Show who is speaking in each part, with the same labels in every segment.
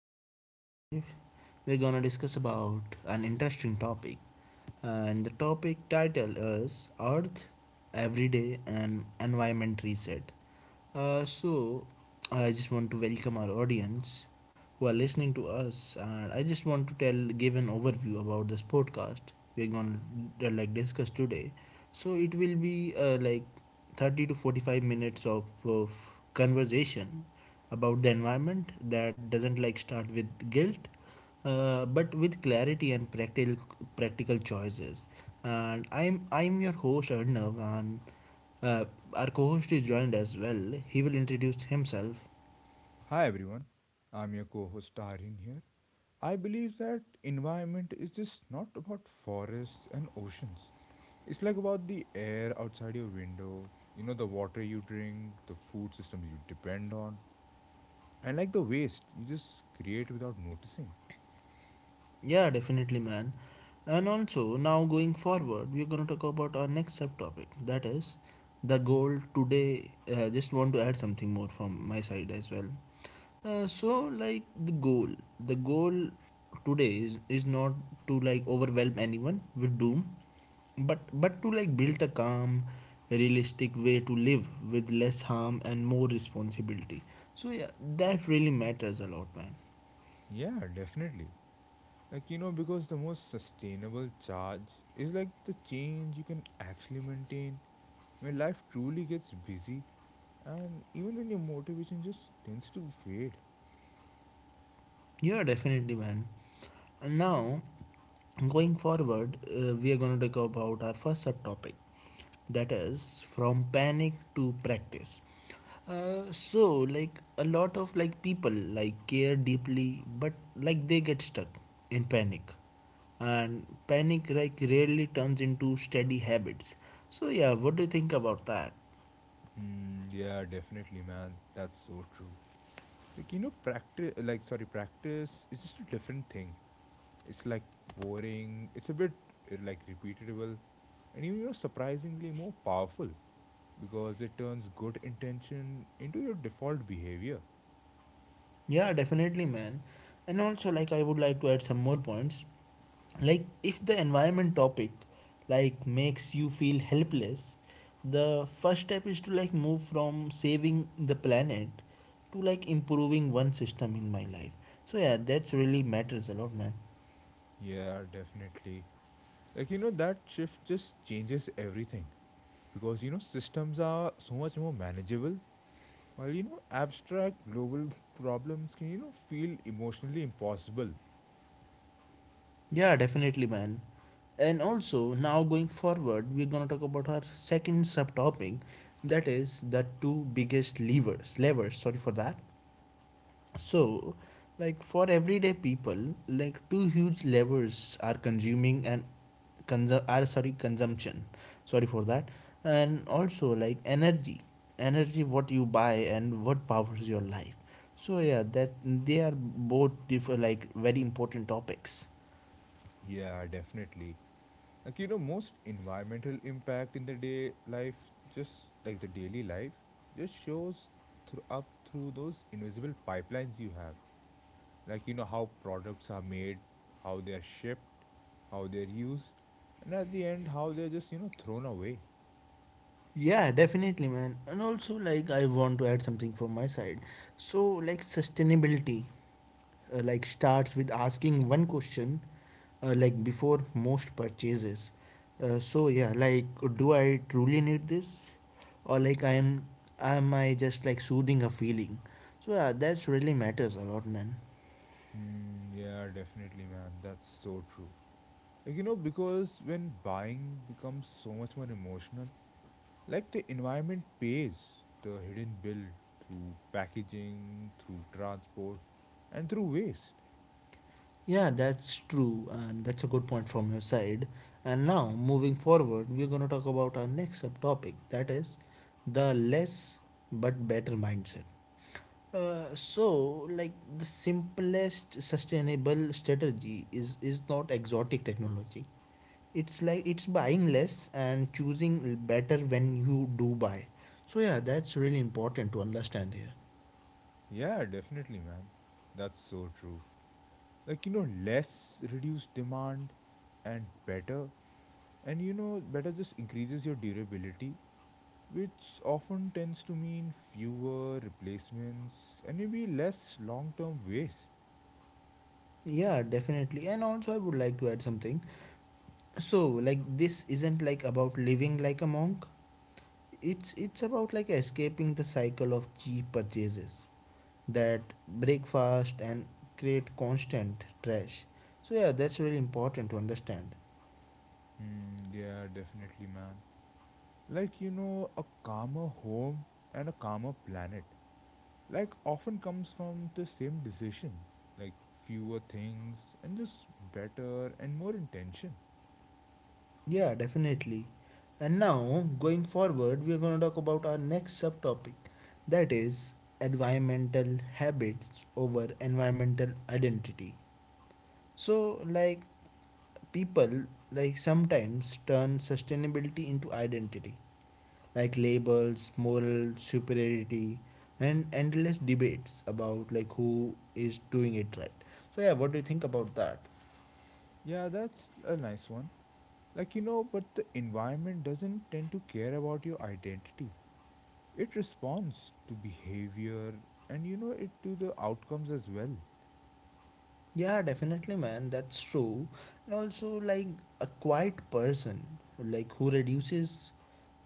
Speaker 1: And today we're gonna discuss about an interesting topic. And the topic title is Earth, Everyday and Environment Reset. So I just want to welcome our audience who are listening to us, and I just want to tell give an overview about this podcast we're gonna like discuss today. So it will be like 30 to 45 minutes of conversation about the environment that doesn't like start with guilt but with clarity and practical choices and I'm your host arnav and uh, our co-host is joined as well. He will introduce himself.
Speaker 2: Hi everyone, I'm your co host Tarin here. I believe that environment is just not about forests and oceans. It's like about the air outside your window, the water you drink, the food systems you depend on, and like the waste you just create without noticing.
Speaker 1: Yeah, definitely, man. And also, now going forward, we're going to talk about our next subtopic that is the goal today. Just want to add something more from my side as well. Like the goal today is not to like overwhelm anyone with doom, but to like build a calm, realistic way to live with less harm and more responsibility. So yeah, that really matters a lot, man.
Speaker 2: Yeah, definitely. Like, because the most sustainable charge is like the change you can actually maintain when life truly gets busy and even when your motivation just tends to fade.
Speaker 1: Yeah, definitely, man. And now, going forward, we are going to talk about our first subtopic that is from panic to practice. Like a lot of like people like care deeply, but like they get stuck in panic, and panic like rarely turns into steady habits. So, yeah, what do you think about that?
Speaker 2: Hmm. Yeah, definitely, man. That's so true. Like, practice practice is just a different thing. It's like boring. It's a bit like repeatable, and even, surprisingly more powerful because it turns good intention into your default behavior.
Speaker 1: Yeah, definitely, man. And also, like, I would like to add some more points. Like if the environment topic like makes you feel helpless, the first step is to like move from saving the planet to like improving one system in my life. So yeah, that's really matters a lot, man.
Speaker 2: Yeah, definitely. Like, that shift just changes everything because systems are so much more manageable, while abstract global problems can feel emotionally impossible.
Speaker 1: Yeah, definitely, man. And also now going forward we're going to talk about our second subtopic that is the two biggest levers. Sorry for that. So, like for everyday people, like two huge levers are consuming and consum are sorry, consumption. Sorry for that. And also like energy, energy, what you buy and what powers your life. So yeah, that they are both differ like very important topics.
Speaker 2: Yeah, definitely. Like, most environmental impact in the day life, just like the daily life, just shows through those invisible pipelines you have. Like how products are made, how they are shipped, how they are used, and at the end how they're just thrown away.
Speaker 1: Yeah, definitely, man. And also, like, I want to add something from my side. So, like, sustainability like starts with asking one question like before most purchases. So yeah, like do I truly need this, or like I am I just like soothing a feeling? So yeah, that's really matters a lot, man.
Speaker 2: Mm, yeah, definitely, man. That's so true. Like, because when buying becomes so much more emotional, like the environment pays the hidden bill through packaging, through transport, and through waste.
Speaker 1: Yeah, that's true, and that's a good point from your side. And now moving forward we're going to talk about our next subtopic, that is the less but better mindset. Like the simplest sustainable strategy is not exotic technology. It's buying less and choosing better when you do buy. So yeah, that's really important to understand here.
Speaker 2: Yeah, definitely, man. That's so true. Like, less reduced demand and better, and better just increases your durability, which often tends to mean fewer replacements and maybe less long term waste.
Speaker 1: Yeah, definitely. And also, I would like to add something. So, like this isn't like about living like a monk. It's about like escaping the cycle of cheap purchases that break fast and create constant trash. So yeah, that's really important to understand.
Speaker 2: Hmm, yeah, definitely, man. Like, a calmer home and a calmer planet, often comes from the same decision, like fewer things and just better and more intention.
Speaker 1: Yeah, definitely. And now going forward, we are going to talk about our next subtopic, that is environmental habits over environmental identity. So, like, people like sometimes turn sustainability into identity, like labels, moral superiority, and endless debates about like who is doing it right. So, yeah, what do you think about that?
Speaker 2: Yeah, that's a nice one. Like but the environment doesn't tend to care about your identity. It responds to behavior, and it to the outcomes as well.
Speaker 1: Yeah, definitely, man. That's true. And also, like a quiet person, like who reduces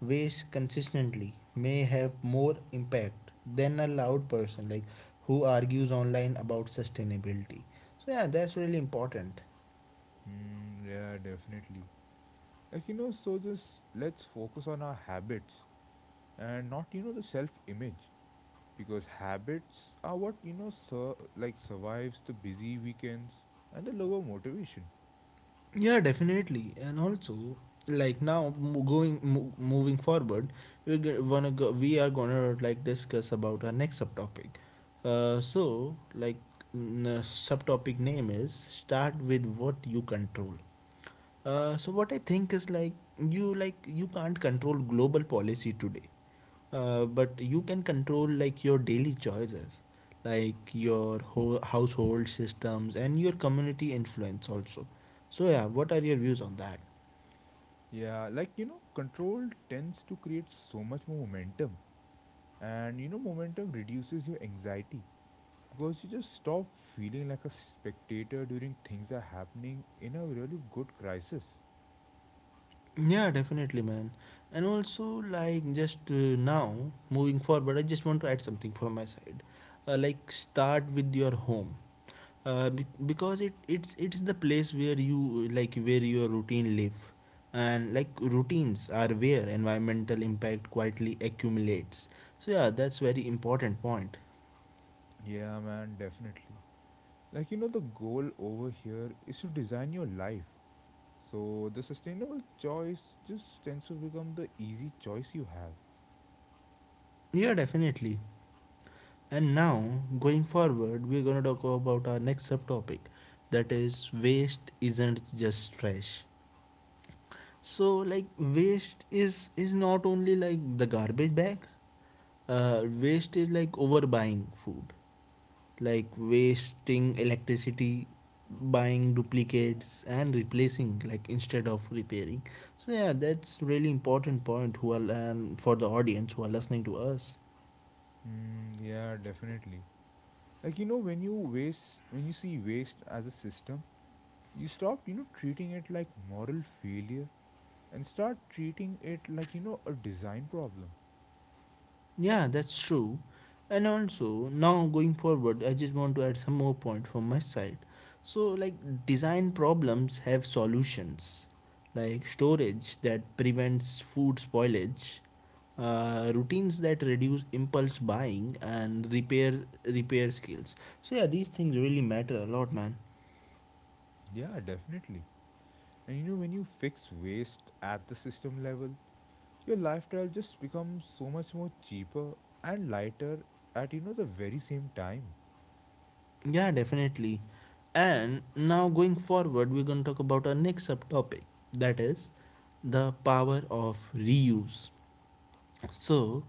Speaker 1: waste consistently, may have more impact than a loud person, like who argues online about sustainability. So, yeah, that's really important.
Speaker 2: Hmm. Yeah, definitely. Like so just let's focus on our habits, and not the self image, because habits are what survives the busy weekends and the lower motivation.
Speaker 1: Yeah, definitely. And also, like now mo- going mo- moving forward, we're g- wanna go, we are gonna like discuss about our next subtopic. So like subtopic name is start with what you control. So what I think is like you can't control global policy today, but you can control like your daily choices, like your whole household systems and your community influence also. So yeah, what are your views on that?
Speaker 2: Yeah, like control tends to create so much more momentum, and momentum reduces your anxiety because you just stop feeling like a spectator during things are happening in a really good crisis.
Speaker 1: Yeah, definitely, man. And also, like just now moving forward, I just want to add something from my side. Like start with your home, because it's the place where you like where your routine live, and like routines are where environmental impact quietly accumulates. So yeah, that's very important point.
Speaker 2: Yeah, man, definitely. Like the goal over here is to design your life so the sustainable choice just tends to become the easy choice you have.
Speaker 1: Yeah, definitely. And now going forward we're going to talk about our next subtopic that is waste isn't just trash. So like waste is not only like the garbage bag. Waste is like overbuying food, like wasting electricity, buying duplicates and replacing like instead of repairing. So yeah, that's really important point, who are and for the audience who are listening to us.
Speaker 2: Mm, yeah, definitely. Like when you see waste as a system, you stop, treating it like moral failure, and start treating it like a design problem.
Speaker 1: Yeah, that's true. And also, now going forward, I just want to add some more point from my side. So, like, design problems have solutions, like storage that prevents food spoilage, routines that reduce impulse buying, and repair skills. So yeah, these things really matter a lot, man.
Speaker 2: Yeah, definitely. And when you fix waste at the system level, your lifestyle just becomes so much more cheaper and lighter at the very same time.
Speaker 1: Yeah, definitely. And now going forward, we're gonna talk about our next subtopic, that is the power of reuse. So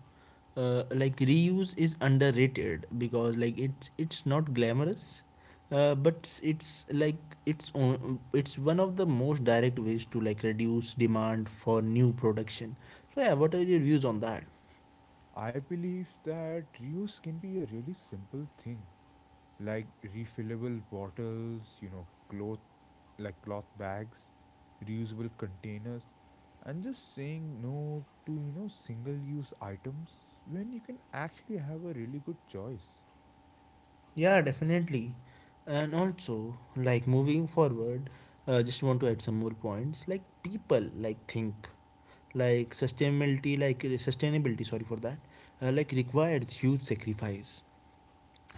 Speaker 1: like reuse is underrated because like it's not glamorous, but it's like it's on, it's one of the most direct ways to like reduce demand for new production. So yeah, what are your views on that?
Speaker 2: I believe that reuse can be a really simple thing, like refillable bottles, cloth bags, reusable containers, and just saying no to single use items when you can actually have a really good choice.
Speaker 1: Yeah, definitely. And also, like moving forward, just want to add some more points. Like people like think like sustainability, like sustainability, sorry for that, like requires huge sacrifice.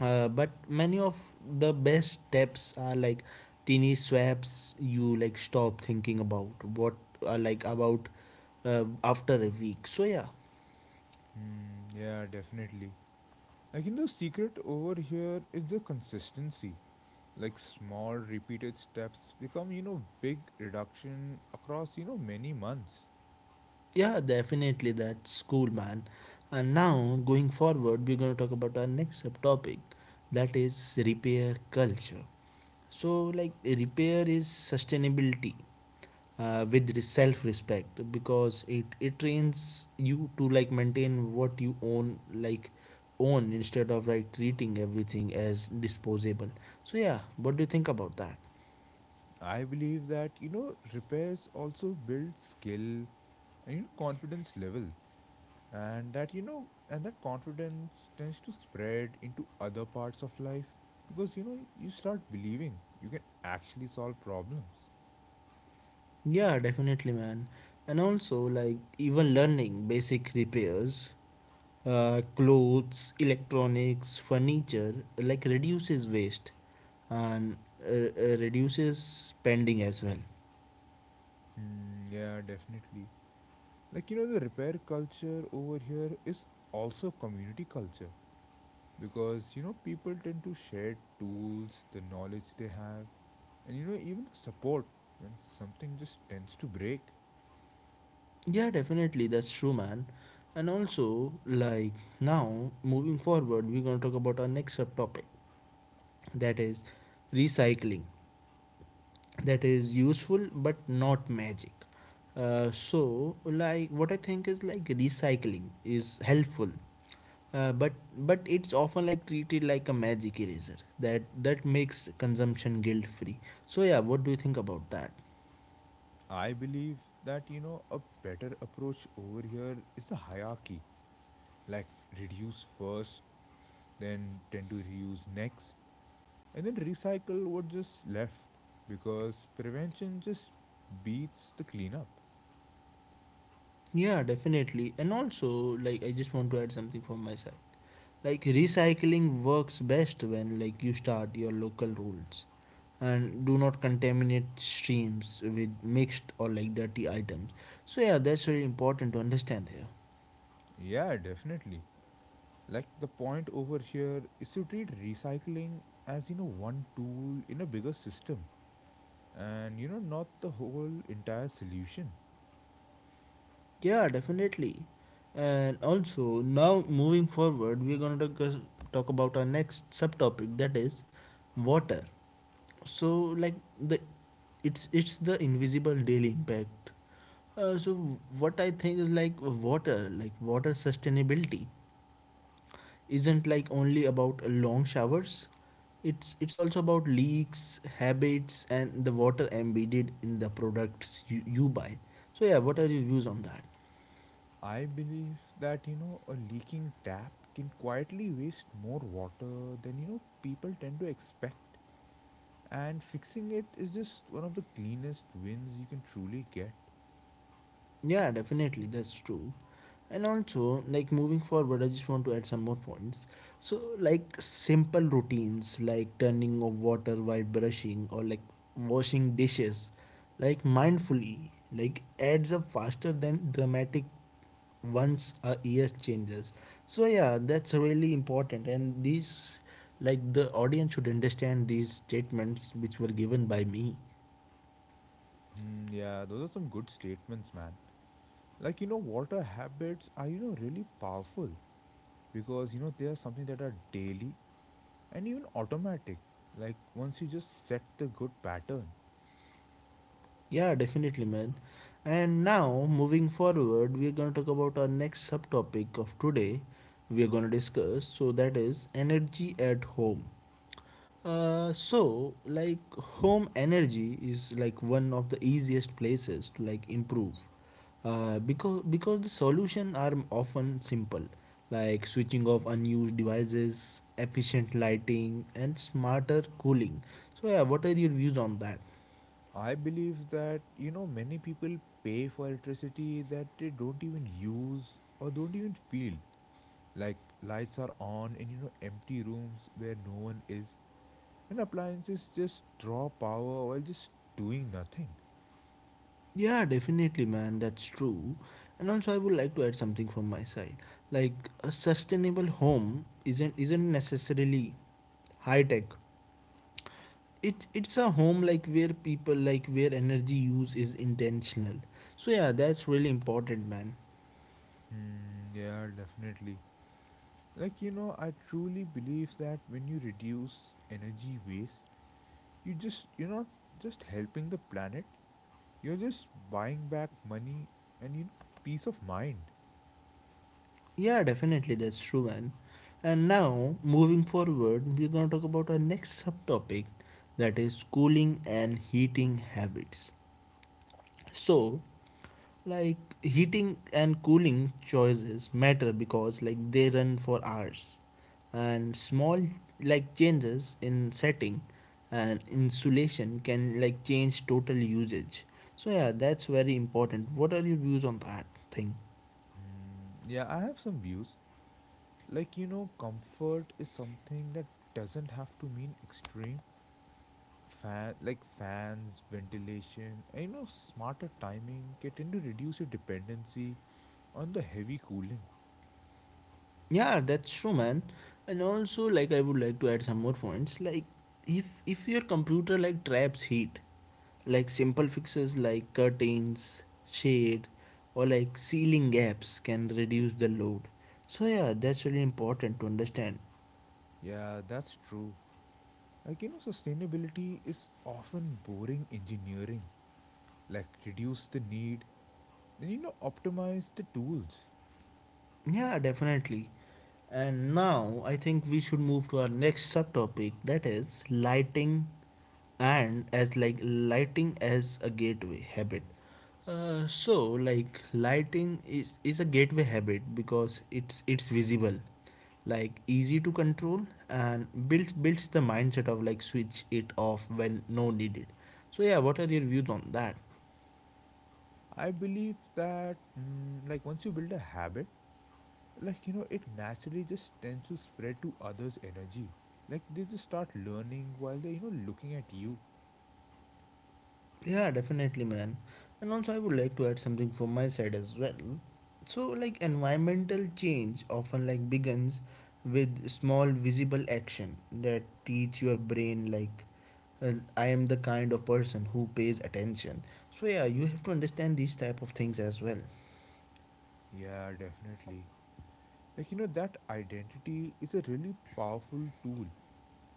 Speaker 1: But many of the best steps are like teeny swaps you like stop thinking about what are like about after a week. So yeah.
Speaker 2: Hmm, yeah, definitely. Like, secret over here is the consistency. Like, small repeated steps become, big reduction across, many months.
Speaker 1: Yeah, definitely, that's cool, man. And now going forward we're going to talk about our next subtopic that is repair culture. So like repair is sustainability with self respect because it trains you to like maintain what you own, instead of like treating everything as disposable. So yeah, what do you think about that?
Speaker 2: I believe that, repairs also build skill and confidence level, and that confidence tends to spread into other parts of life because you start believing you can actually solve problems.
Speaker 1: Yeah, definitely, man. And also, like even learning basic repairs, clothes, electronics, furniture, like reduces waste and reduces spending as well.
Speaker 2: Mm, yeah, definitely. Like the repair culture over here is also community culture, because people tend to share tools the knowledge they have, and even the support when something just tends to break.
Speaker 1: Yeah, definitely. That's true, man. And also, like now, moving forward, we're going to talk about our next subtopic that is recycling. That is useful but not magic. So, like, what I think is like recycling is helpful, uh, but but it's often like treated like a magic eraser that makes consumption guilt free. So, yeah, what do you think about that?
Speaker 2: I believe that a better approach over here is the hierarchy, like reduce first, then tend to reuse next, and then recycle what just left, because prevention just beats the cleanup.
Speaker 1: Yeah, definitely. And also, like, I just want to add something from my side. Like, recycling works best when, like, you start your local rules and do not contaminate streams with mixed or, like, dirty items. So, yeah, that's very important to understand here.
Speaker 2: Yeah, definitely. Like the point over here is to treat recycling as one tool in a bigger system, and not the whole entire solution.
Speaker 1: Yeah, definitely. And also, now moving forward, we're going to talk about our next subtopic that is water. So, like, the it's the invisible daily impact. So what I think is like water sustainability isn't like only about long showers. It's also about leaks, habits, and the water embedded in the products you buy. So yeah, what are your views on that?
Speaker 2: I believe that a leaking tap can quietly waste more water than people tend to expect. And fixing it is just one of the cleanest wins you can truly get.
Speaker 1: Yeah, definitely, that's true. And also, like moving forward, I just want to add some more points. So, like simple routines like turning off water while brushing or like washing dishes, like mindfully, like adds up faster than dramatic once a year changes. So, yeah, that's really important. And these, like, the audience should understand these statements which were given by me.
Speaker 2: Mm, yeah, those are some good statements, man. Like, water habits are, really powerful because, they are something that are daily and even automatic. Like, once you just set the good pattern,
Speaker 1: Yeah, definitely, man. And now, moving forward, we are going to talk about our next subtopic of today. We are going to discuss, so that is energy at home. So, like, home energy is like one of the easiest places to like improve. Because the solution are often simple, like switching off unused devices, efficient lighting, and smarter cooling. So, yeah, what are your views on that?
Speaker 2: I believe that, many people pay for electricity that they don't even use or don't even feel. Like, lights are on in, empty rooms where no one is. And appliances just draw power while just doing nothing.
Speaker 1: Yeah, definitely, man. That's true. And also, I would like to add something from my side. Like a sustainable home isn't necessarily high tech. It's a home like where people like where energy use is intentional. So yeah, that's really important, man.
Speaker 2: Hmm, yeah, definitely. Like, I truly believe that when you reduce energy waste, you're not just helping the planet, you're just buying back money and, peace of mind.
Speaker 1: Yeah, definitely, that's true, man. And now moving forward, we're gonna talk about our next subtopic, that is cooling and heating habits. So, like heating and cooling choices matter because like they run for hours, and small like changes in setting and insulation can like change total usage. So yeah, that's very important. What are your views on that thing?
Speaker 2: Hmm, yeah, I have some views. Like, comfort is something that doesn't have to mean extreme fans, ventilation, and smarter timing can tend to reduce your dependency on the heavy cooling.
Speaker 1: Yeah, that's true, man. And also, like, I would like to add some more points. Like, if if your computer like traps heat, like simple fixes like curtains, shade, or like ceiling gaps can reduce the load. So yeah, that's really important to understand.
Speaker 2: Yeah, that's true. Like, sustainability is often boring engineering. Like reduce the need, then optimize the tools.
Speaker 1: Yeah, definitely. And now I think we should move to our next subtopic that is lighting and as like lighting as a gateway habit. So like lighting is a gateway habit because it's visible like easy to control and builds the mindset of like switch it off when no needed, so yeah, what are your views on that?
Speaker 2: I believe that like once you build a habit, like it naturally just tends to spread to others' energy. Like they just start learning while they're looking at you.
Speaker 1: Yeah, definitely, man. And also, I would like to add something from my side as well. So, like, environmental change often like begins with small visible action that teach your brain like I am the kind of person who pays attention. So yeah, you have to understand these type of things as well.
Speaker 2: Yeah, definitely. Like, that identity is a really powerful tool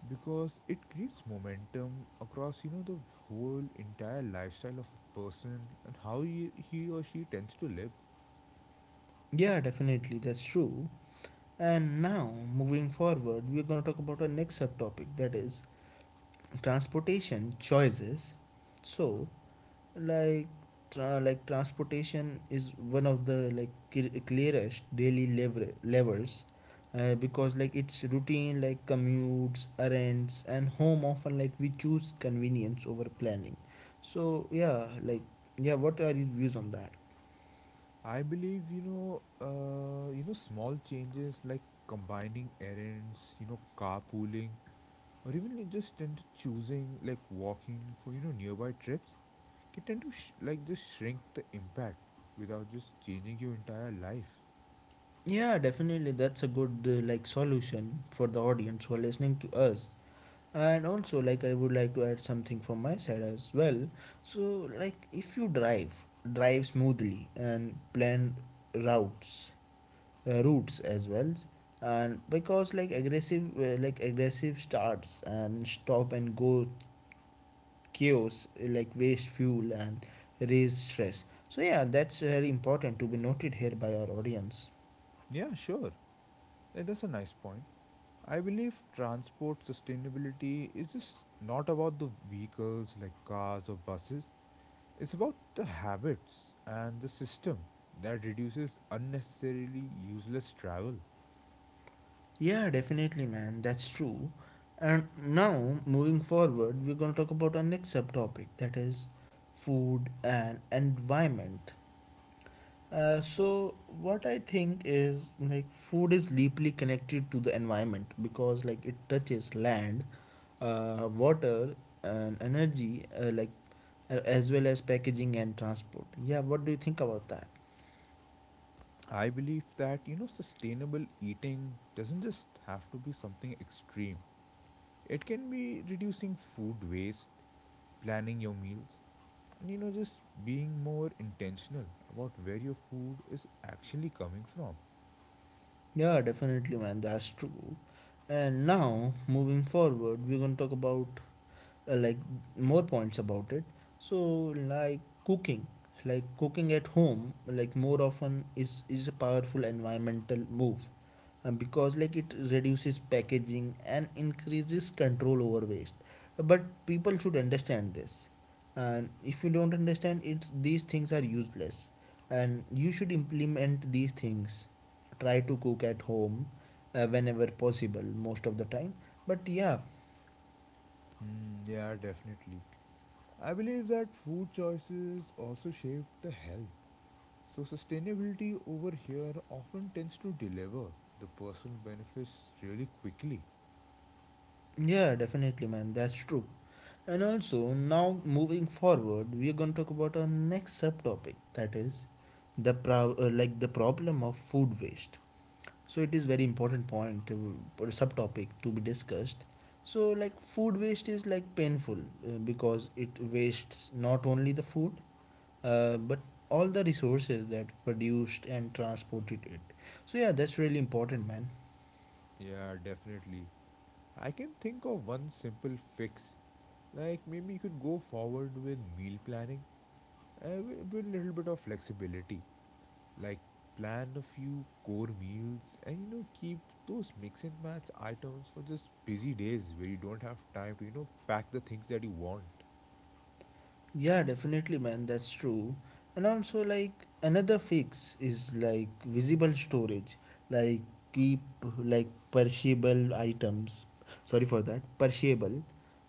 Speaker 2: because it creates momentum across, the whole entire lifestyle of a person, and how he or she tends to live.
Speaker 1: Yeah, definitely, that's true. And now, moving forward, we're going to talk about our next subtopic that is transportation choices. So, like like transportation is one of the like clearest daily levers, because like it's routine like commutes, errands and home often like we choose convenience over planning. So yeah like, yeah what are your views on that?
Speaker 2: I believe, small changes like combining errands, carpooling, or even like just tend to choosing like walking for, nearby trips can tend to like just shrink the impact without just changing your entire life.
Speaker 1: Yeah, definitely, that's a good like solution for the audience who are listening to us. And also, like, I would like to add something from my side as well. So like if you drive smoothly and plan routes, routes as well. And because like aggressive starts and stop and go chaos like waste fuel and raise stress. So yeah, that's very important to be noted here by our audience.
Speaker 2: Yeah, sure. Like, that's a nice point. I believe transport sustainability is just not about the vehicles like cars or buses. It's about the habits and the system that reduces unnecessarily useless travel.
Speaker 1: Yeah, definitely, man. That's true. And now, moving forward, we're going to talk about our next subtopic that is food and environment. So, what I think is like food is deeply connected to the environment because like it touches land, water, and energy, like as well as packaging and transport. Yeah, what do you think about that?
Speaker 2: I believe that, sustainable eating doesn't just have to be something extreme. It can be reducing food waste, planning your meals, and, just being more intentional about where your food is actually coming from.
Speaker 1: Yeah, definitely, man. That's true. And now, moving forward, we're going to talk about like more points about it. So like cooking at home like more often is a powerful environmental move, because like it reduces packaging and increases control over waste. But people should understand this, and if you don't understand it, these things are useless, and you should implement these things. Try to cook at home whenever possible most of the time. But yeah.
Speaker 2: Hmm, yeah, definitely. I believe that food choices also shape the health. So, sustainability over here often tends to deliver the personal benefits really quickly.
Speaker 1: Yeah, definitely, man. That's true. And also, now moving forward, we are going to talk about our next subtopic that is the the problem of food waste. So it is very important point to, or subtopic to be discussed. So like food waste is like painful, because it wastes not only the food, but all the resources that produced and transported it. So yeah, that's really important, man.
Speaker 2: Yeah, definitely. I can think of one simple fix. Like maybe you could go forward with meal planning, with a little bit of flexibility. Like plan a few core meals and keep those mix and match items for just busy days where you don't have time to pack the things that you want.
Speaker 1: Yeah, definitely, man. That's true. And also, like another fix is like visible storage. Like keep like perishable items. Sorry for that. Perishable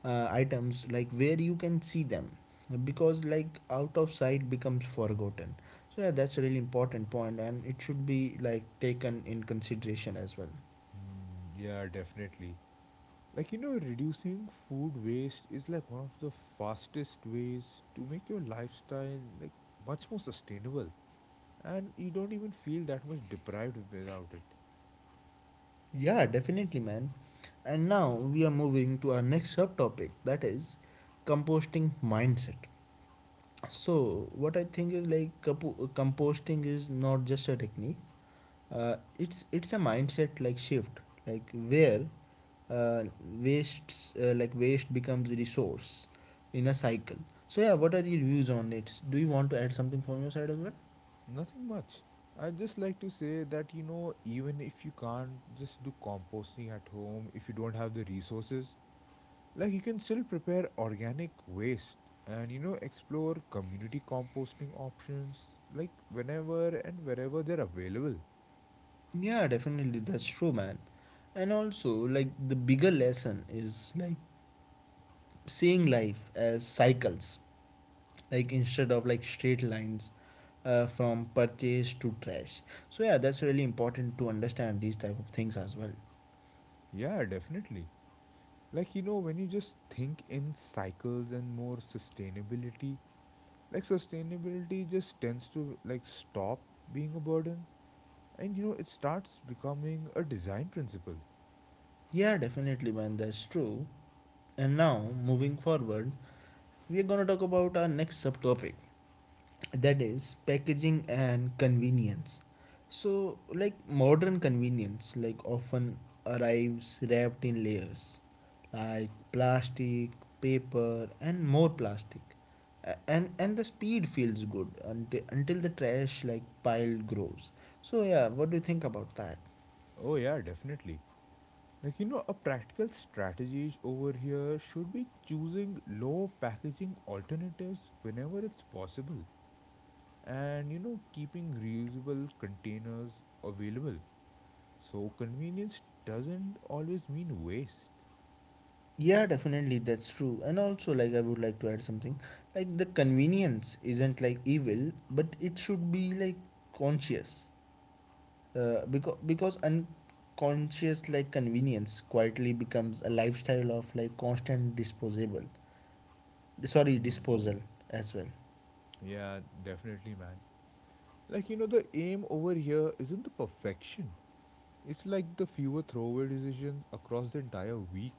Speaker 1: items like where you can see them, because like out of sight becomes forgotten. So yeah, that's a really important point, and it should be like taken in consideration as well.
Speaker 2: Mm, yeah, definitely. Like, reducing food waste is like one of the fastest ways to make your lifestyle like much more sustainable. And you don't even feel that much deprived without it.
Speaker 1: Yeah, definitely, man. And now we are moving to our next subtopic that is composting mindset. So what I think is like composting is not just a technique. It's a mindset like shift, like where waste becomes resource in a cycle. So yeah, what are your views on it? Do you want to add something from your side as well?
Speaker 2: Nothing much. I just like to say that, even if you can't just do composting at home, if you don't have the resources, like you can still prepare organic waste and, explore community composting options like whenever and wherever they're available.
Speaker 1: Yeah, definitely that's true, man. And also like the bigger lesson is like seeing life as cycles, like instead of like straight lines, from purchase to trash. So yeah, that's really important to understand these type of things as well.
Speaker 2: Yeah, definitely. Like, when you just think in cycles and more sustainability, like sustainability just tends to like stop being a burden, and it starts becoming a design principle.
Speaker 1: Yeah, definitely, man, that's true. And now moving forward, we are going to talk about our next subtopic that is packaging and convenience. So like modern convenience like often arrives wrapped in layers, like plastic, paper and more plastic. And the speed feels good until the trash like pile grows. So yeah, what do you think about that?
Speaker 2: Oh, yeah, definitely. Like, a practical strategy over here should be choosing low packaging alternatives whenever it's possible, and keeping reusable containers available. So, convenience doesn't always mean waste.
Speaker 1: Yeah, definitely, that's true. And also, like, I would like to add something. Like, the convenience isn't like evil, but it should be like conscious, because unconscious like convenience quietly becomes a lifestyle of like constant disposable, sorry, disposal as well.
Speaker 2: Yeah, definitely, man. Like, the aim over here isn't the perfection. It's like the fewer throwaway decisions across the entire week.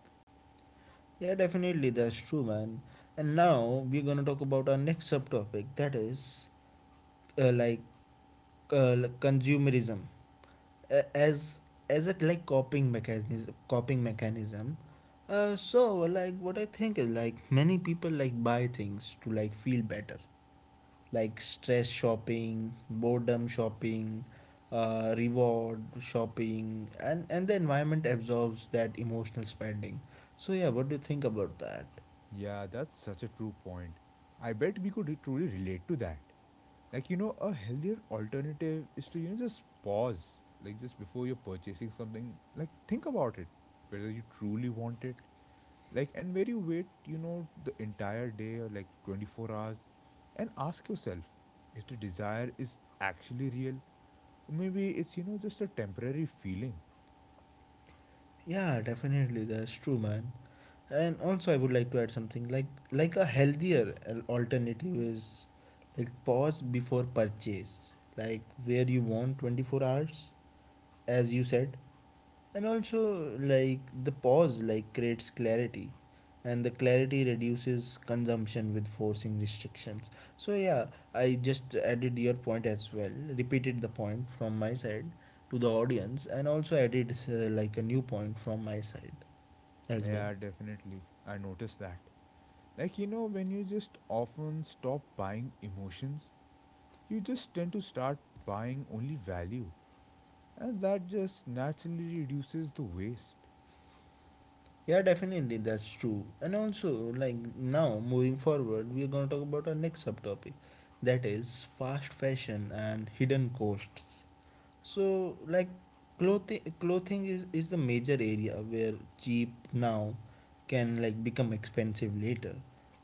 Speaker 1: Yeah, definitely, that's true, man. And now we're gonna talk about our next subtopic that is uh, like consumerism uh, as as a like coping mechanism. So like what I think is like many people like buy things to like feel better, like stress shopping, boredom shopping, reward shopping, and the environment absorbs that emotional spending. So, yeah, what do you think about that?
Speaker 2: Yeah, that's such a true point. I bet we could truly relate to that. Like, a healthier alternative is to, just pause. Like, just before you're purchasing something, like, think about it. Whether you truly want it. Like, and where you wait, the entire day or like 24 hours. And ask yourself if the desire is actually real. Maybe it's, just a temporary feeling.
Speaker 1: Yeah, definitely, that's true, man. And also, I would like to add something like a healthier alternative is like pause before purchase, like where you want 24 hours, as you said. And also like the pause like creates clarity and the clarity reduces consumption with forcing restrictions. So yeah, I just added your point as well, repeated the point from my side to the audience, and also added like a new point from my side as well.
Speaker 2: Yeah, definitely. I noticed that. Like, when you just often stop buying emotions, you just tend to start buying only value. And that just naturally reduces the waste.
Speaker 1: Yeah, definitely, that's true. And also, like now moving forward, we are going to talk about our next subtopic that is fast fashion and hidden costs. So, like clothing is the major area where cheap now can like become expensive later,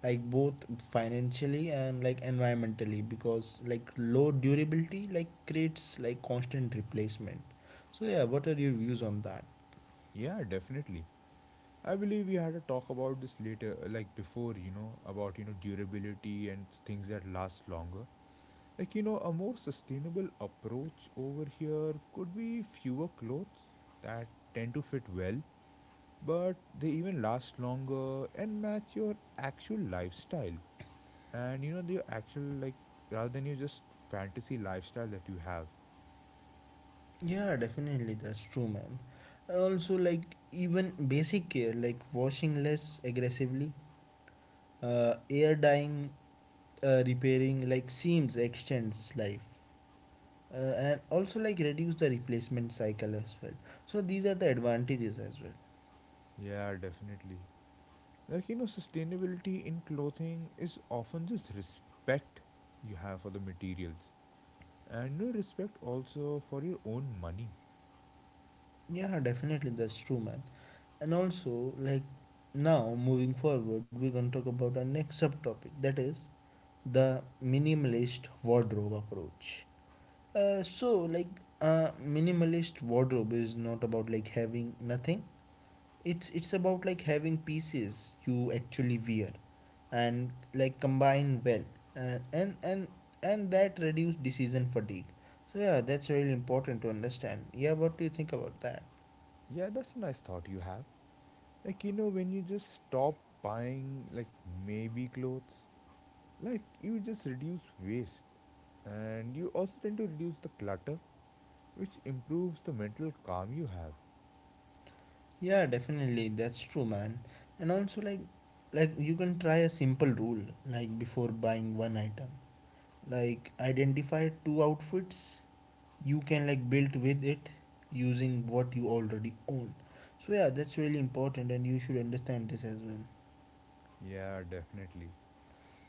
Speaker 1: like both financially and like environmentally, because like low durability like creates like constant replacement. So yeah, what are your views on that?
Speaker 2: Yeah, definitely. I believe we had a talk about this later, like before, about, durability and things that last longer. Like, you know, a more sustainable approach over here could be fewer clothes that tend to fit well but they even last longer and match your actual lifestyle and you know your actual, like, rather than your just fantasy lifestyle that you have.
Speaker 1: Yeah, definitely that's true, man. And also like even basic care like washing less aggressively, air dyeing, repairing like seams extends life, uh, and also like reduce the replacement cycle as well. So these are the advantages as well.
Speaker 2: Yeah, definitely. Like, you know, sustainability in clothing is often just respect you have for the materials and, you know, respect also for your own money.
Speaker 1: Yeah definitely that's true, man. And also like now moving forward, we're going to talk about our next subtopic that is the minimalist wardrobe approach. So like minimalist wardrobe is not about like having nothing. It's about like having pieces you actually wear and like combine well, uh, and and and that reduce decision fatigue. So yeah, that's really important to understand. Yeah, what do you think about that?
Speaker 2: Yeah, that's a nice thought you have. Like, you know, when you just stop buying, like, maybe clothes, like, you just reduce waste. And you also tend to reduce the clutter, which improves the mental calm you have.
Speaker 1: Yeah, definitely that's true, man. And also like you can try a simple rule, like before buying one item, like identify two outfits you can like build with it using what you already own. So yeah, that's really important and you should understand this as well.
Speaker 2: Yeah, definitely.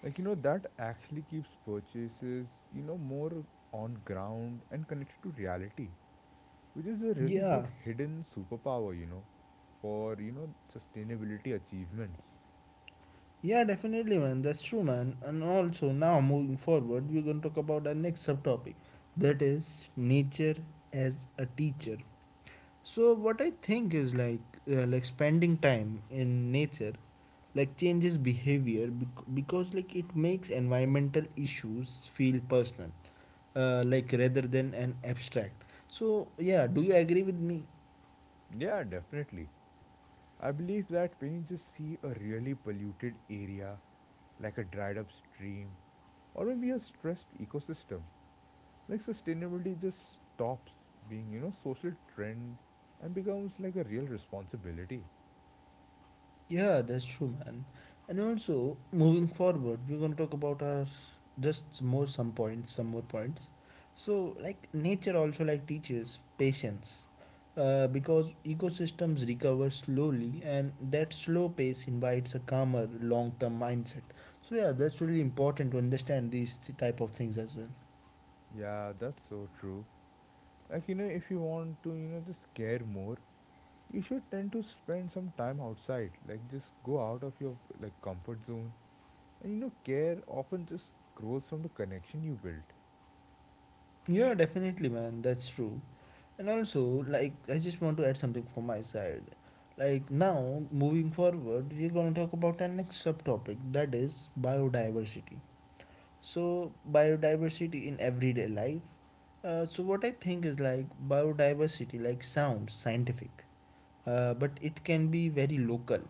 Speaker 2: Like, you know, that actually keeps purchases, you know, more on ground and connected to reality, which is a really good
Speaker 1: Yeah.
Speaker 2: hidden superpower, you know, for, you know, sustainability achievements.
Speaker 1: Yeah, definitely, man, that's true, man. And also now moving forward, we're going to talk about our next subtopic that is nature as a teacher. So what I think is like spending time in nature like changes behavior because like it makes environmental issues feel personal, like rather than an abstract. So yeah, do you agree with me?
Speaker 2: Yeah, definitely. I believe that when you just see a really polluted area, like a dried up stream, or maybe a stressed ecosystem, like sustainability just stops being, you know, social trend and becomes like a real responsibility.
Speaker 1: Yeah, that's true, man. And also moving forward, we're gonna talk about our just more some points, some more points. So like nature also like teaches patience, because ecosystems recover slowly and that slow pace invites a calmer long-term mindset. So yeah, that's really important to understand these type of things as well.
Speaker 2: Yeah, that's so true. Like, you know, if you want to, you know, just care more, you should tend to spend some time outside, like just go out of your like comfort zone, and you know care often just grows from the connection you build.
Speaker 1: Yeah definitely, man, that's true. And also, like, I just want to add something from my side. Like, now, moving forward, we're going to talk about our next subtopic that is biodiversity. So, biodiversity in everyday life. So, what I think is like biodiversity, like, sounds scientific, but it can be very local,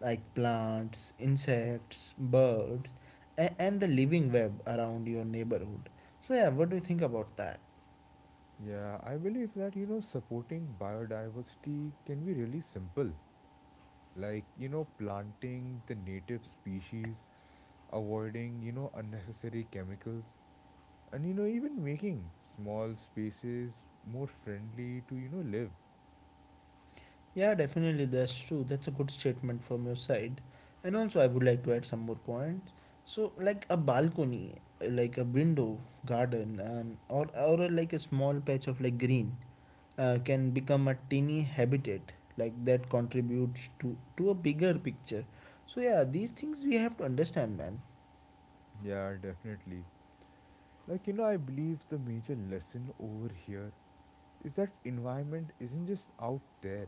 Speaker 1: like plants, insects, birds, and the living web around your neighborhood. So, yeah, what do you think about that?
Speaker 2: Yeah, I believe that, you know, supporting biodiversity can be really simple, like, you know, planting the native species, avoiding, you know, unnecessary chemicals, and, you know, even making small spaces more friendly to, you know, live.
Speaker 1: Yeah, definitely, that's true. That's a good statement from your side. And also, I would like to add some more points. So, like a balcony, like a window, garden, and or like a small patch of like green, can become a tiny habitat like that contributes to a bigger picture. So yeah, these things we have to understand, man.
Speaker 2: Yeah, definitely. Like, you know, I believe the major lesson over here is that environment isn't just out there,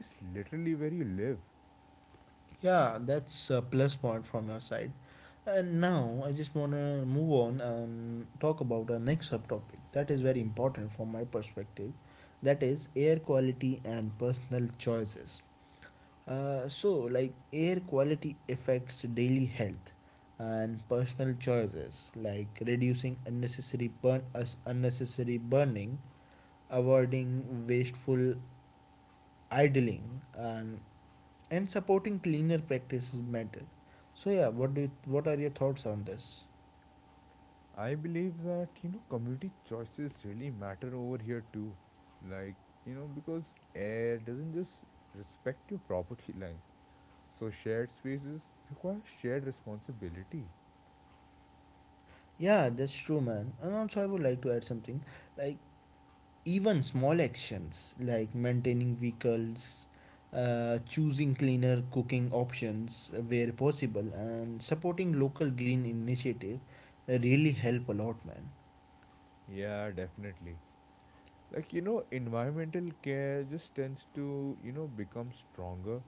Speaker 2: it's literally where you live.
Speaker 1: Yeah, that's a plus point from your side. And now I just want to move on and talk about our next subtopic that is very important from my perspective, that is air quality and personal choices. So, like air quality affects daily health, and personal choices like reducing unnecessary burning, avoiding wasteful idling and supporting cleaner practices matter. So yeah, what do you, what are your thoughts on this?
Speaker 2: I believe that, you know, community choices really matter over here too, like, you know, because air doesn't just respect your property lines, so shared spaces require shared responsibility.
Speaker 1: Yeah, that's true, man. And also, I would like to add something like even small actions like maintaining vehicles, choosing cleaner cooking options where possible, and supporting local green initiative really help a lot, man.
Speaker 2: Yeah, definitely. Like, you know, environmental care just tends to, you know, become stronger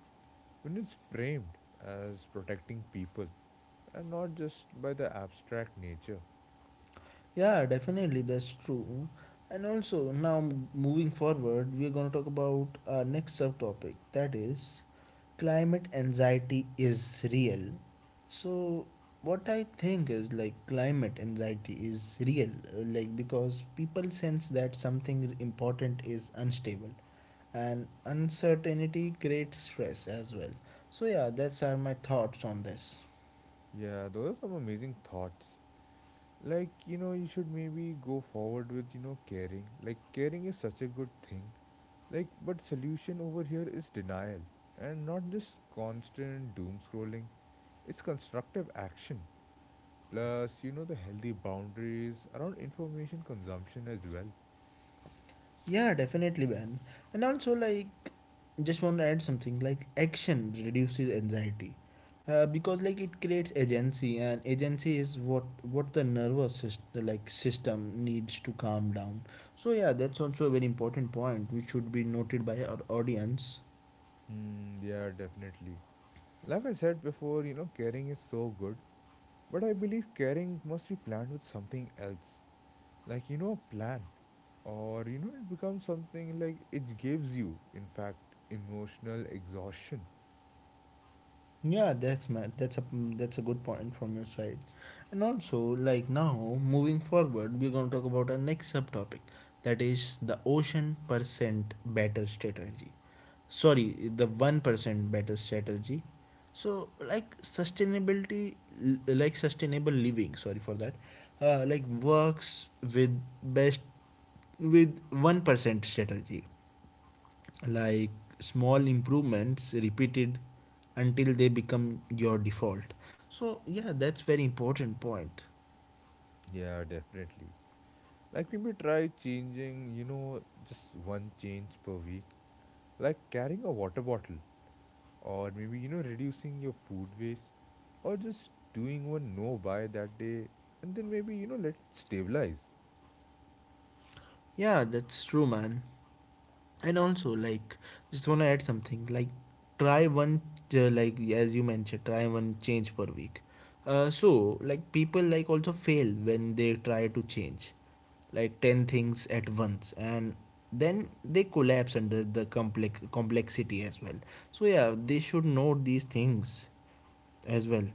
Speaker 2: when it's framed as protecting people and not just by the abstract nature.
Speaker 1: Yeah, definitely, that's true. And also, now moving forward, we are going to talk about our next subtopic, that is climate anxiety is real. So, what I think is like climate anxiety is real, like because people sense that something important is unstable and uncertainty creates stress as well. So, yeah, that's are my thoughts on this.
Speaker 2: Yeah, those are some amazing thoughts. Like, you know, you should maybe go forward with, you know, caring. Like, caring is such a good thing. Like, but solution over here is denial and not just constant doom scrolling. It's constructive action. Plus, you know, the healthy boundaries around information consumption as well.
Speaker 1: Yeah, definitely, man. And also, like, just want to add something like action reduces anxiety because like it creates agency and agency is what the nervous system like system needs to calm down. So yeah, that's also a very important point which should be noted by our audience.
Speaker 2: Hmm, yeah, definitely. Like I said before, you know, caring is so good, but I believe caring must be planned with something else. Like, you know, a plan. Or, you know, it becomes something like it gives you, in fact, emotional exhaustion.
Speaker 1: Yeah, that's a good point from your side. And also, like now, moving forward, we're going to talk about our next subtopic, that is the ocean percent better strategy. Sorry, the 1% better strategy. So, like sustainability, like sustainable living. Sorry for that. Like works with best with 1% strategy, like small improvements repeated until they become your default. So yeah, that's very important point.
Speaker 2: Yeah, definitely. Like, maybe try changing, you know, just one change per week. Like carrying a water bottle, or maybe, you know, reducing your food waste, or just doing one no buy that day, and then maybe, you know, let it stabilize.
Speaker 1: Yeah, that's true, man. And also, like, just want to add something like try one, like as you mentioned, try one change per week, so like people like also fail when they try to change like 10 things at once and then they collapse under the complexity as well. So yeah, they should know these things as well.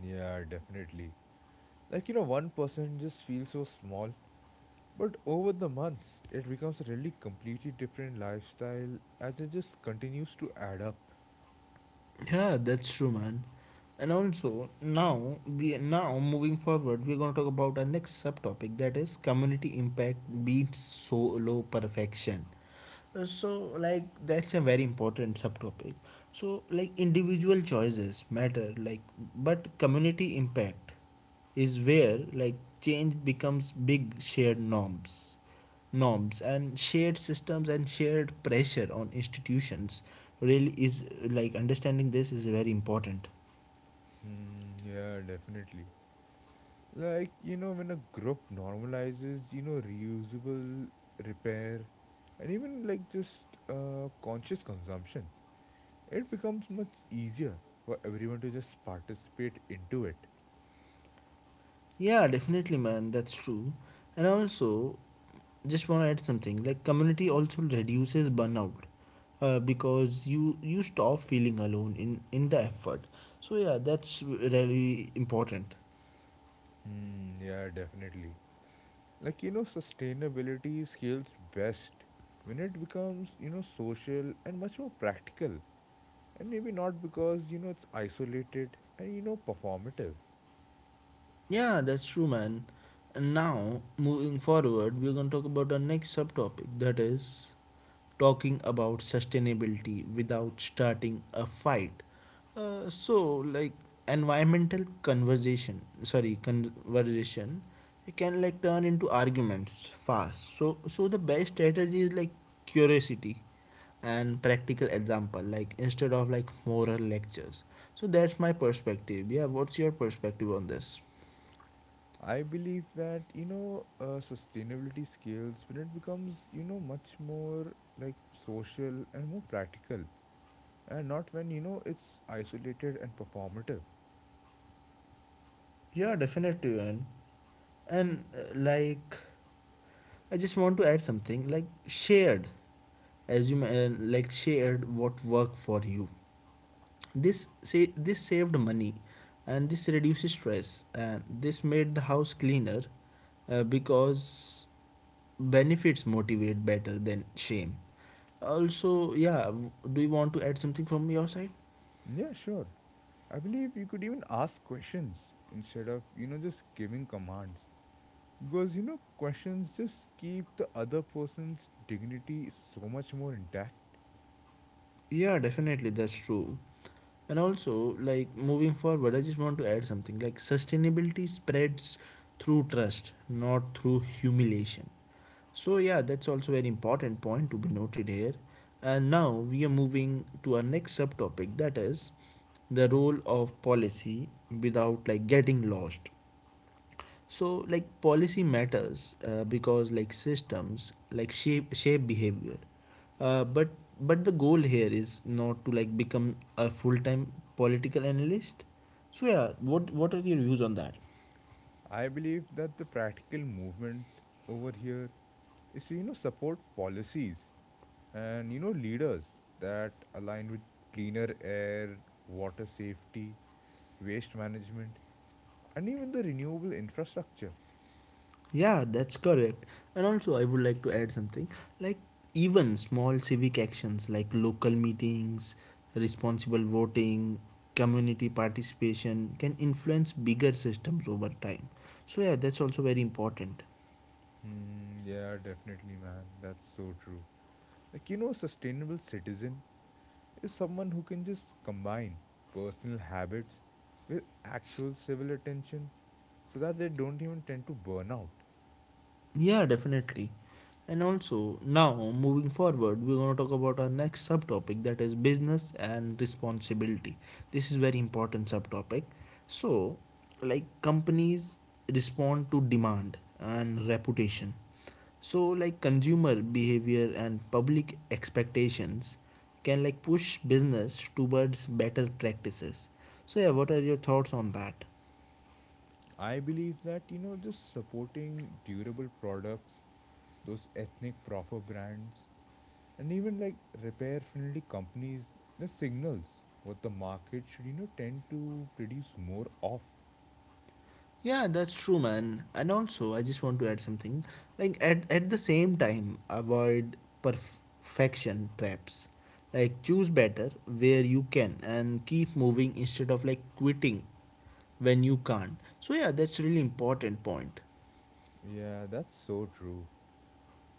Speaker 2: Yeah, definitely. Like, you know, one person just feels so small, but over the months it becomes a really completely different lifestyle as it just continues to add up.
Speaker 1: Yeah, that's true, man. And also, now moving forward, we're going to talk about our next subtopic, that is community impact beats solo perfection. So like that's a very important subtopic. So like individual choices matter, like, but community impact is where, like, change becomes big shared norms and shared systems and shared pressure on institutions really is. Like understanding this is very important.
Speaker 2: Hmm, yeah, definitely. Like, you know, when a group normalizes, you know, reusable, repair, and even like just conscious consumption, it becomes much easier for everyone to just participate into it.
Speaker 1: Yeah, definitely, man. That's true. And also, just want to add something. Like community also reduces burnout, because you stop feeling alone in the effort. So yeah, that's really important.
Speaker 2: Hmm, yeah, definitely. Like, you know, sustainability scales best when it becomes, you know, social and much more practical. And maybe not because, you know, it's isolated and, you know, performative.
Speaker 1: Yeah, that's true, man. And now moving forward, we're gonna talk about our next subtopic. That is talking about sustainability without starting a fight. So, like, conversation can like turn into arguments fast. So the best strategy is like curiosity and practical example, like instead of like moral lectures. So that's my perspective. Yeah, what's your perspective on this?
Speaker 2: I believe that, you know, sustainability scales when it becomes, you know, much more, like, social and more practical. And not when, you know, it's isolated and performative.
Speaker 1: Yeah, definitely. And like I just want to add something like shared, as you like shared what worked for you. This saved money, and this reduces stress, and this made the house cleaner, because benefits motivate better than shame. Also, yeah, do you want to add something from your side?
Speaker 2: Yeah, sure. I believe you could even ask questions instead of, you know, just giving commands. Because, you know, questions just keep the other person's dignity so much more intact.
Speaker 1: Yeah, definitely, that's true. And also, like, moving forward, I just want to add something like sustainability spreads through trust, not through humiliation. So yeah, that's also an important point to be noted here. And now we are moving to our next subtopic, that is the role of policy without like getting lost. So like policy matters, because like systems like shape behavior, uh, but but the goal here is not to like become a full-time political analyst. So yeah, what are your views on that?
Speaker 2: I believe that the practical movement over here is to, you know, support policies and, you know, leaders that align with cleaner air, water safety, waste management, and even the renewable infrastructure.
Speaker 1: Yeah, that's correct. And also, I would like to add something, like even small civic actions like local meetings, responsible voting, community participation can influence bigger systems over time. So yeah, that's also very important.
Speaker 2: Hmm, yeah, definitely, man. That's so true. Like, you know, a sustainable citizen is someone who can just combine personal habits with actual civil attention so that they don't even tend to burn out.
Speaker 1: Yeah, definitely. And also, now moving forward, we're going to talk about our next subtopic, that is business and responsibility. This is very important subtopic. So, like companies respond to demand and reputation. So, like consumer behavior and public expectations can like push business towards better practices. So, yeah, what are your thoughts on that?
Speaker 2: I believe that, you know, just supporting durable products, those ethnic proper brands, and even like repair friendly companies, the signals what the market should, you know, tend to produce more of.
Speaker 1: Yeah, that's true, man. And also, I just want to add something. Like, at the same time, avoid perfection traps. Like, choose better where you can and keep moving instead of like quitting when you can't. So yeah, that's really important point.
Speaker 2: Yeah, that's so true.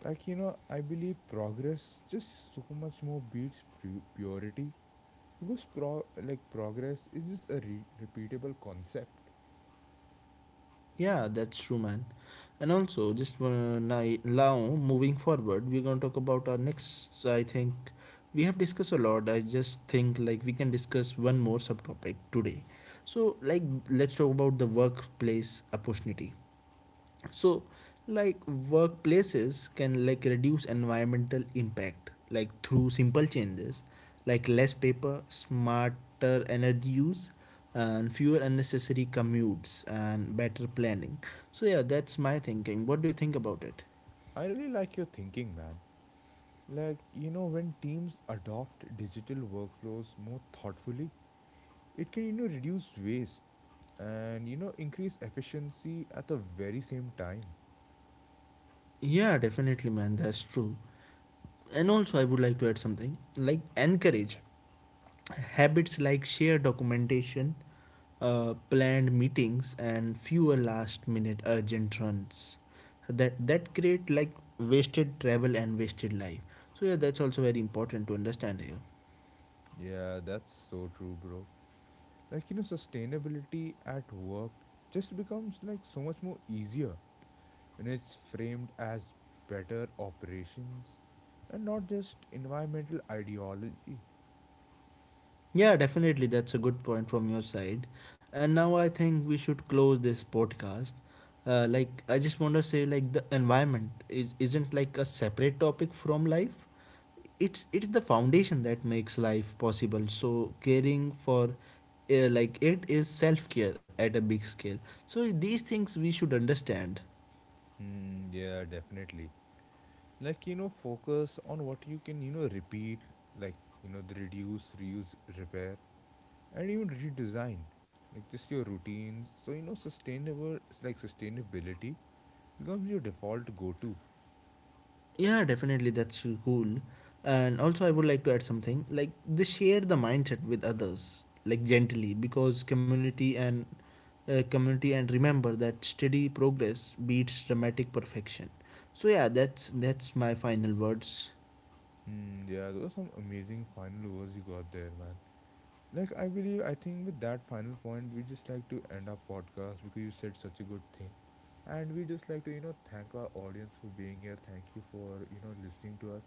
Speaker 2: Like, you know, I believe progress just so much more beats purity. Because pro like progress is just a repeatable concept.
Speaker 1: Yeah, that's true, man. And also, just now moving forward, we're gonna talk about our next. I think we have discussed a lot. I just think like we can discuss one more subtopic today. So, like, let's talk about the workplace opportunity. So like workplaces can like reduce environmental impact like through simple changes, like less paper, smarter energy use, and fewer unnecessary commutes and better planning. So yeah, that's my thinking. What do you think about it?
Speaker 2: I really like your thinking, man. Like, you know, when teams adopt digital workflows more thoughtfully, it can, you know, reduce waste and, you know, increase efficiency at the very same time.
Speaker 1: Yeah, definitely, man, that's true. And also, I would like to add something like encourage habits like shared documentation, planned meetings, and fewer last-minute urgent runs that create like wasted travel and wasted life. So yeah, that's also very important to understand here.
Speaker 2: Yeah, that's so true, bro. Like, you know, sustainability at work just becomes like so much more easier when it's framed as better operations and not just environmental ideology.
Speaker 1: Yeah, definitely, that's a good point from your side. And now I think we should close this podcast. Like, I just want to say, like the environment is isn't like a separate topic from life, it's the foundation that makes life possible. So caring for, like, it is self care at a big scale. So these things we should understand.
Speaker 2: Mm, yeah, definitely. Like, you know, focus on what you can, you know, repeat, like, you know, the reduce, reuse, repair, and even redesign. Like, just your routines. So, you know, sustainability becomes your default go-to.
Speaker 1: Yeah, definitely, that's cool. And also, I would like to add something like they share the mindset with others, like gently, because community and remember that steady progress beats dramatic perfection. So yeah, that's my final words.
Speaker 2: Mm, yeah, those are some amazing final words you got there, man. Like, I believe, I think with that final point, we just like to end our podcast because you said such a good thing. And we just like to, you know, thank our audience for being here. Thank you for, you know, listening to us.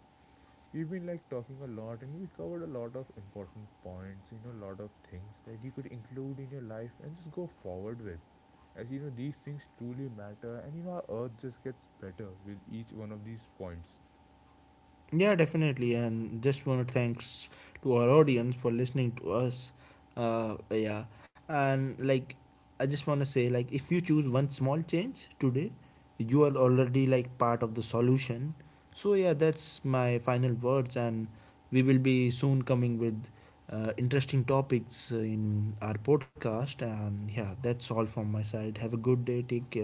Speaker 2: We've been like talking a lot and we covered a lot of important points, you know, a lot of things that you could include in your life and just go forward with. As you know, these things truly matter, and you know, our earth just gets better with each one of these points.
Speaker 1: Yeah, definitely. And just want to thanks to our audience for listening to us. Yeah, and like, I just want to say, like if you choose one small change today, you are already like part of the solution. So yeah, that's my final words, and we will be soon coming with interesting topics in our podcast. And yeah, that's all from my side. Have a good day. Take care.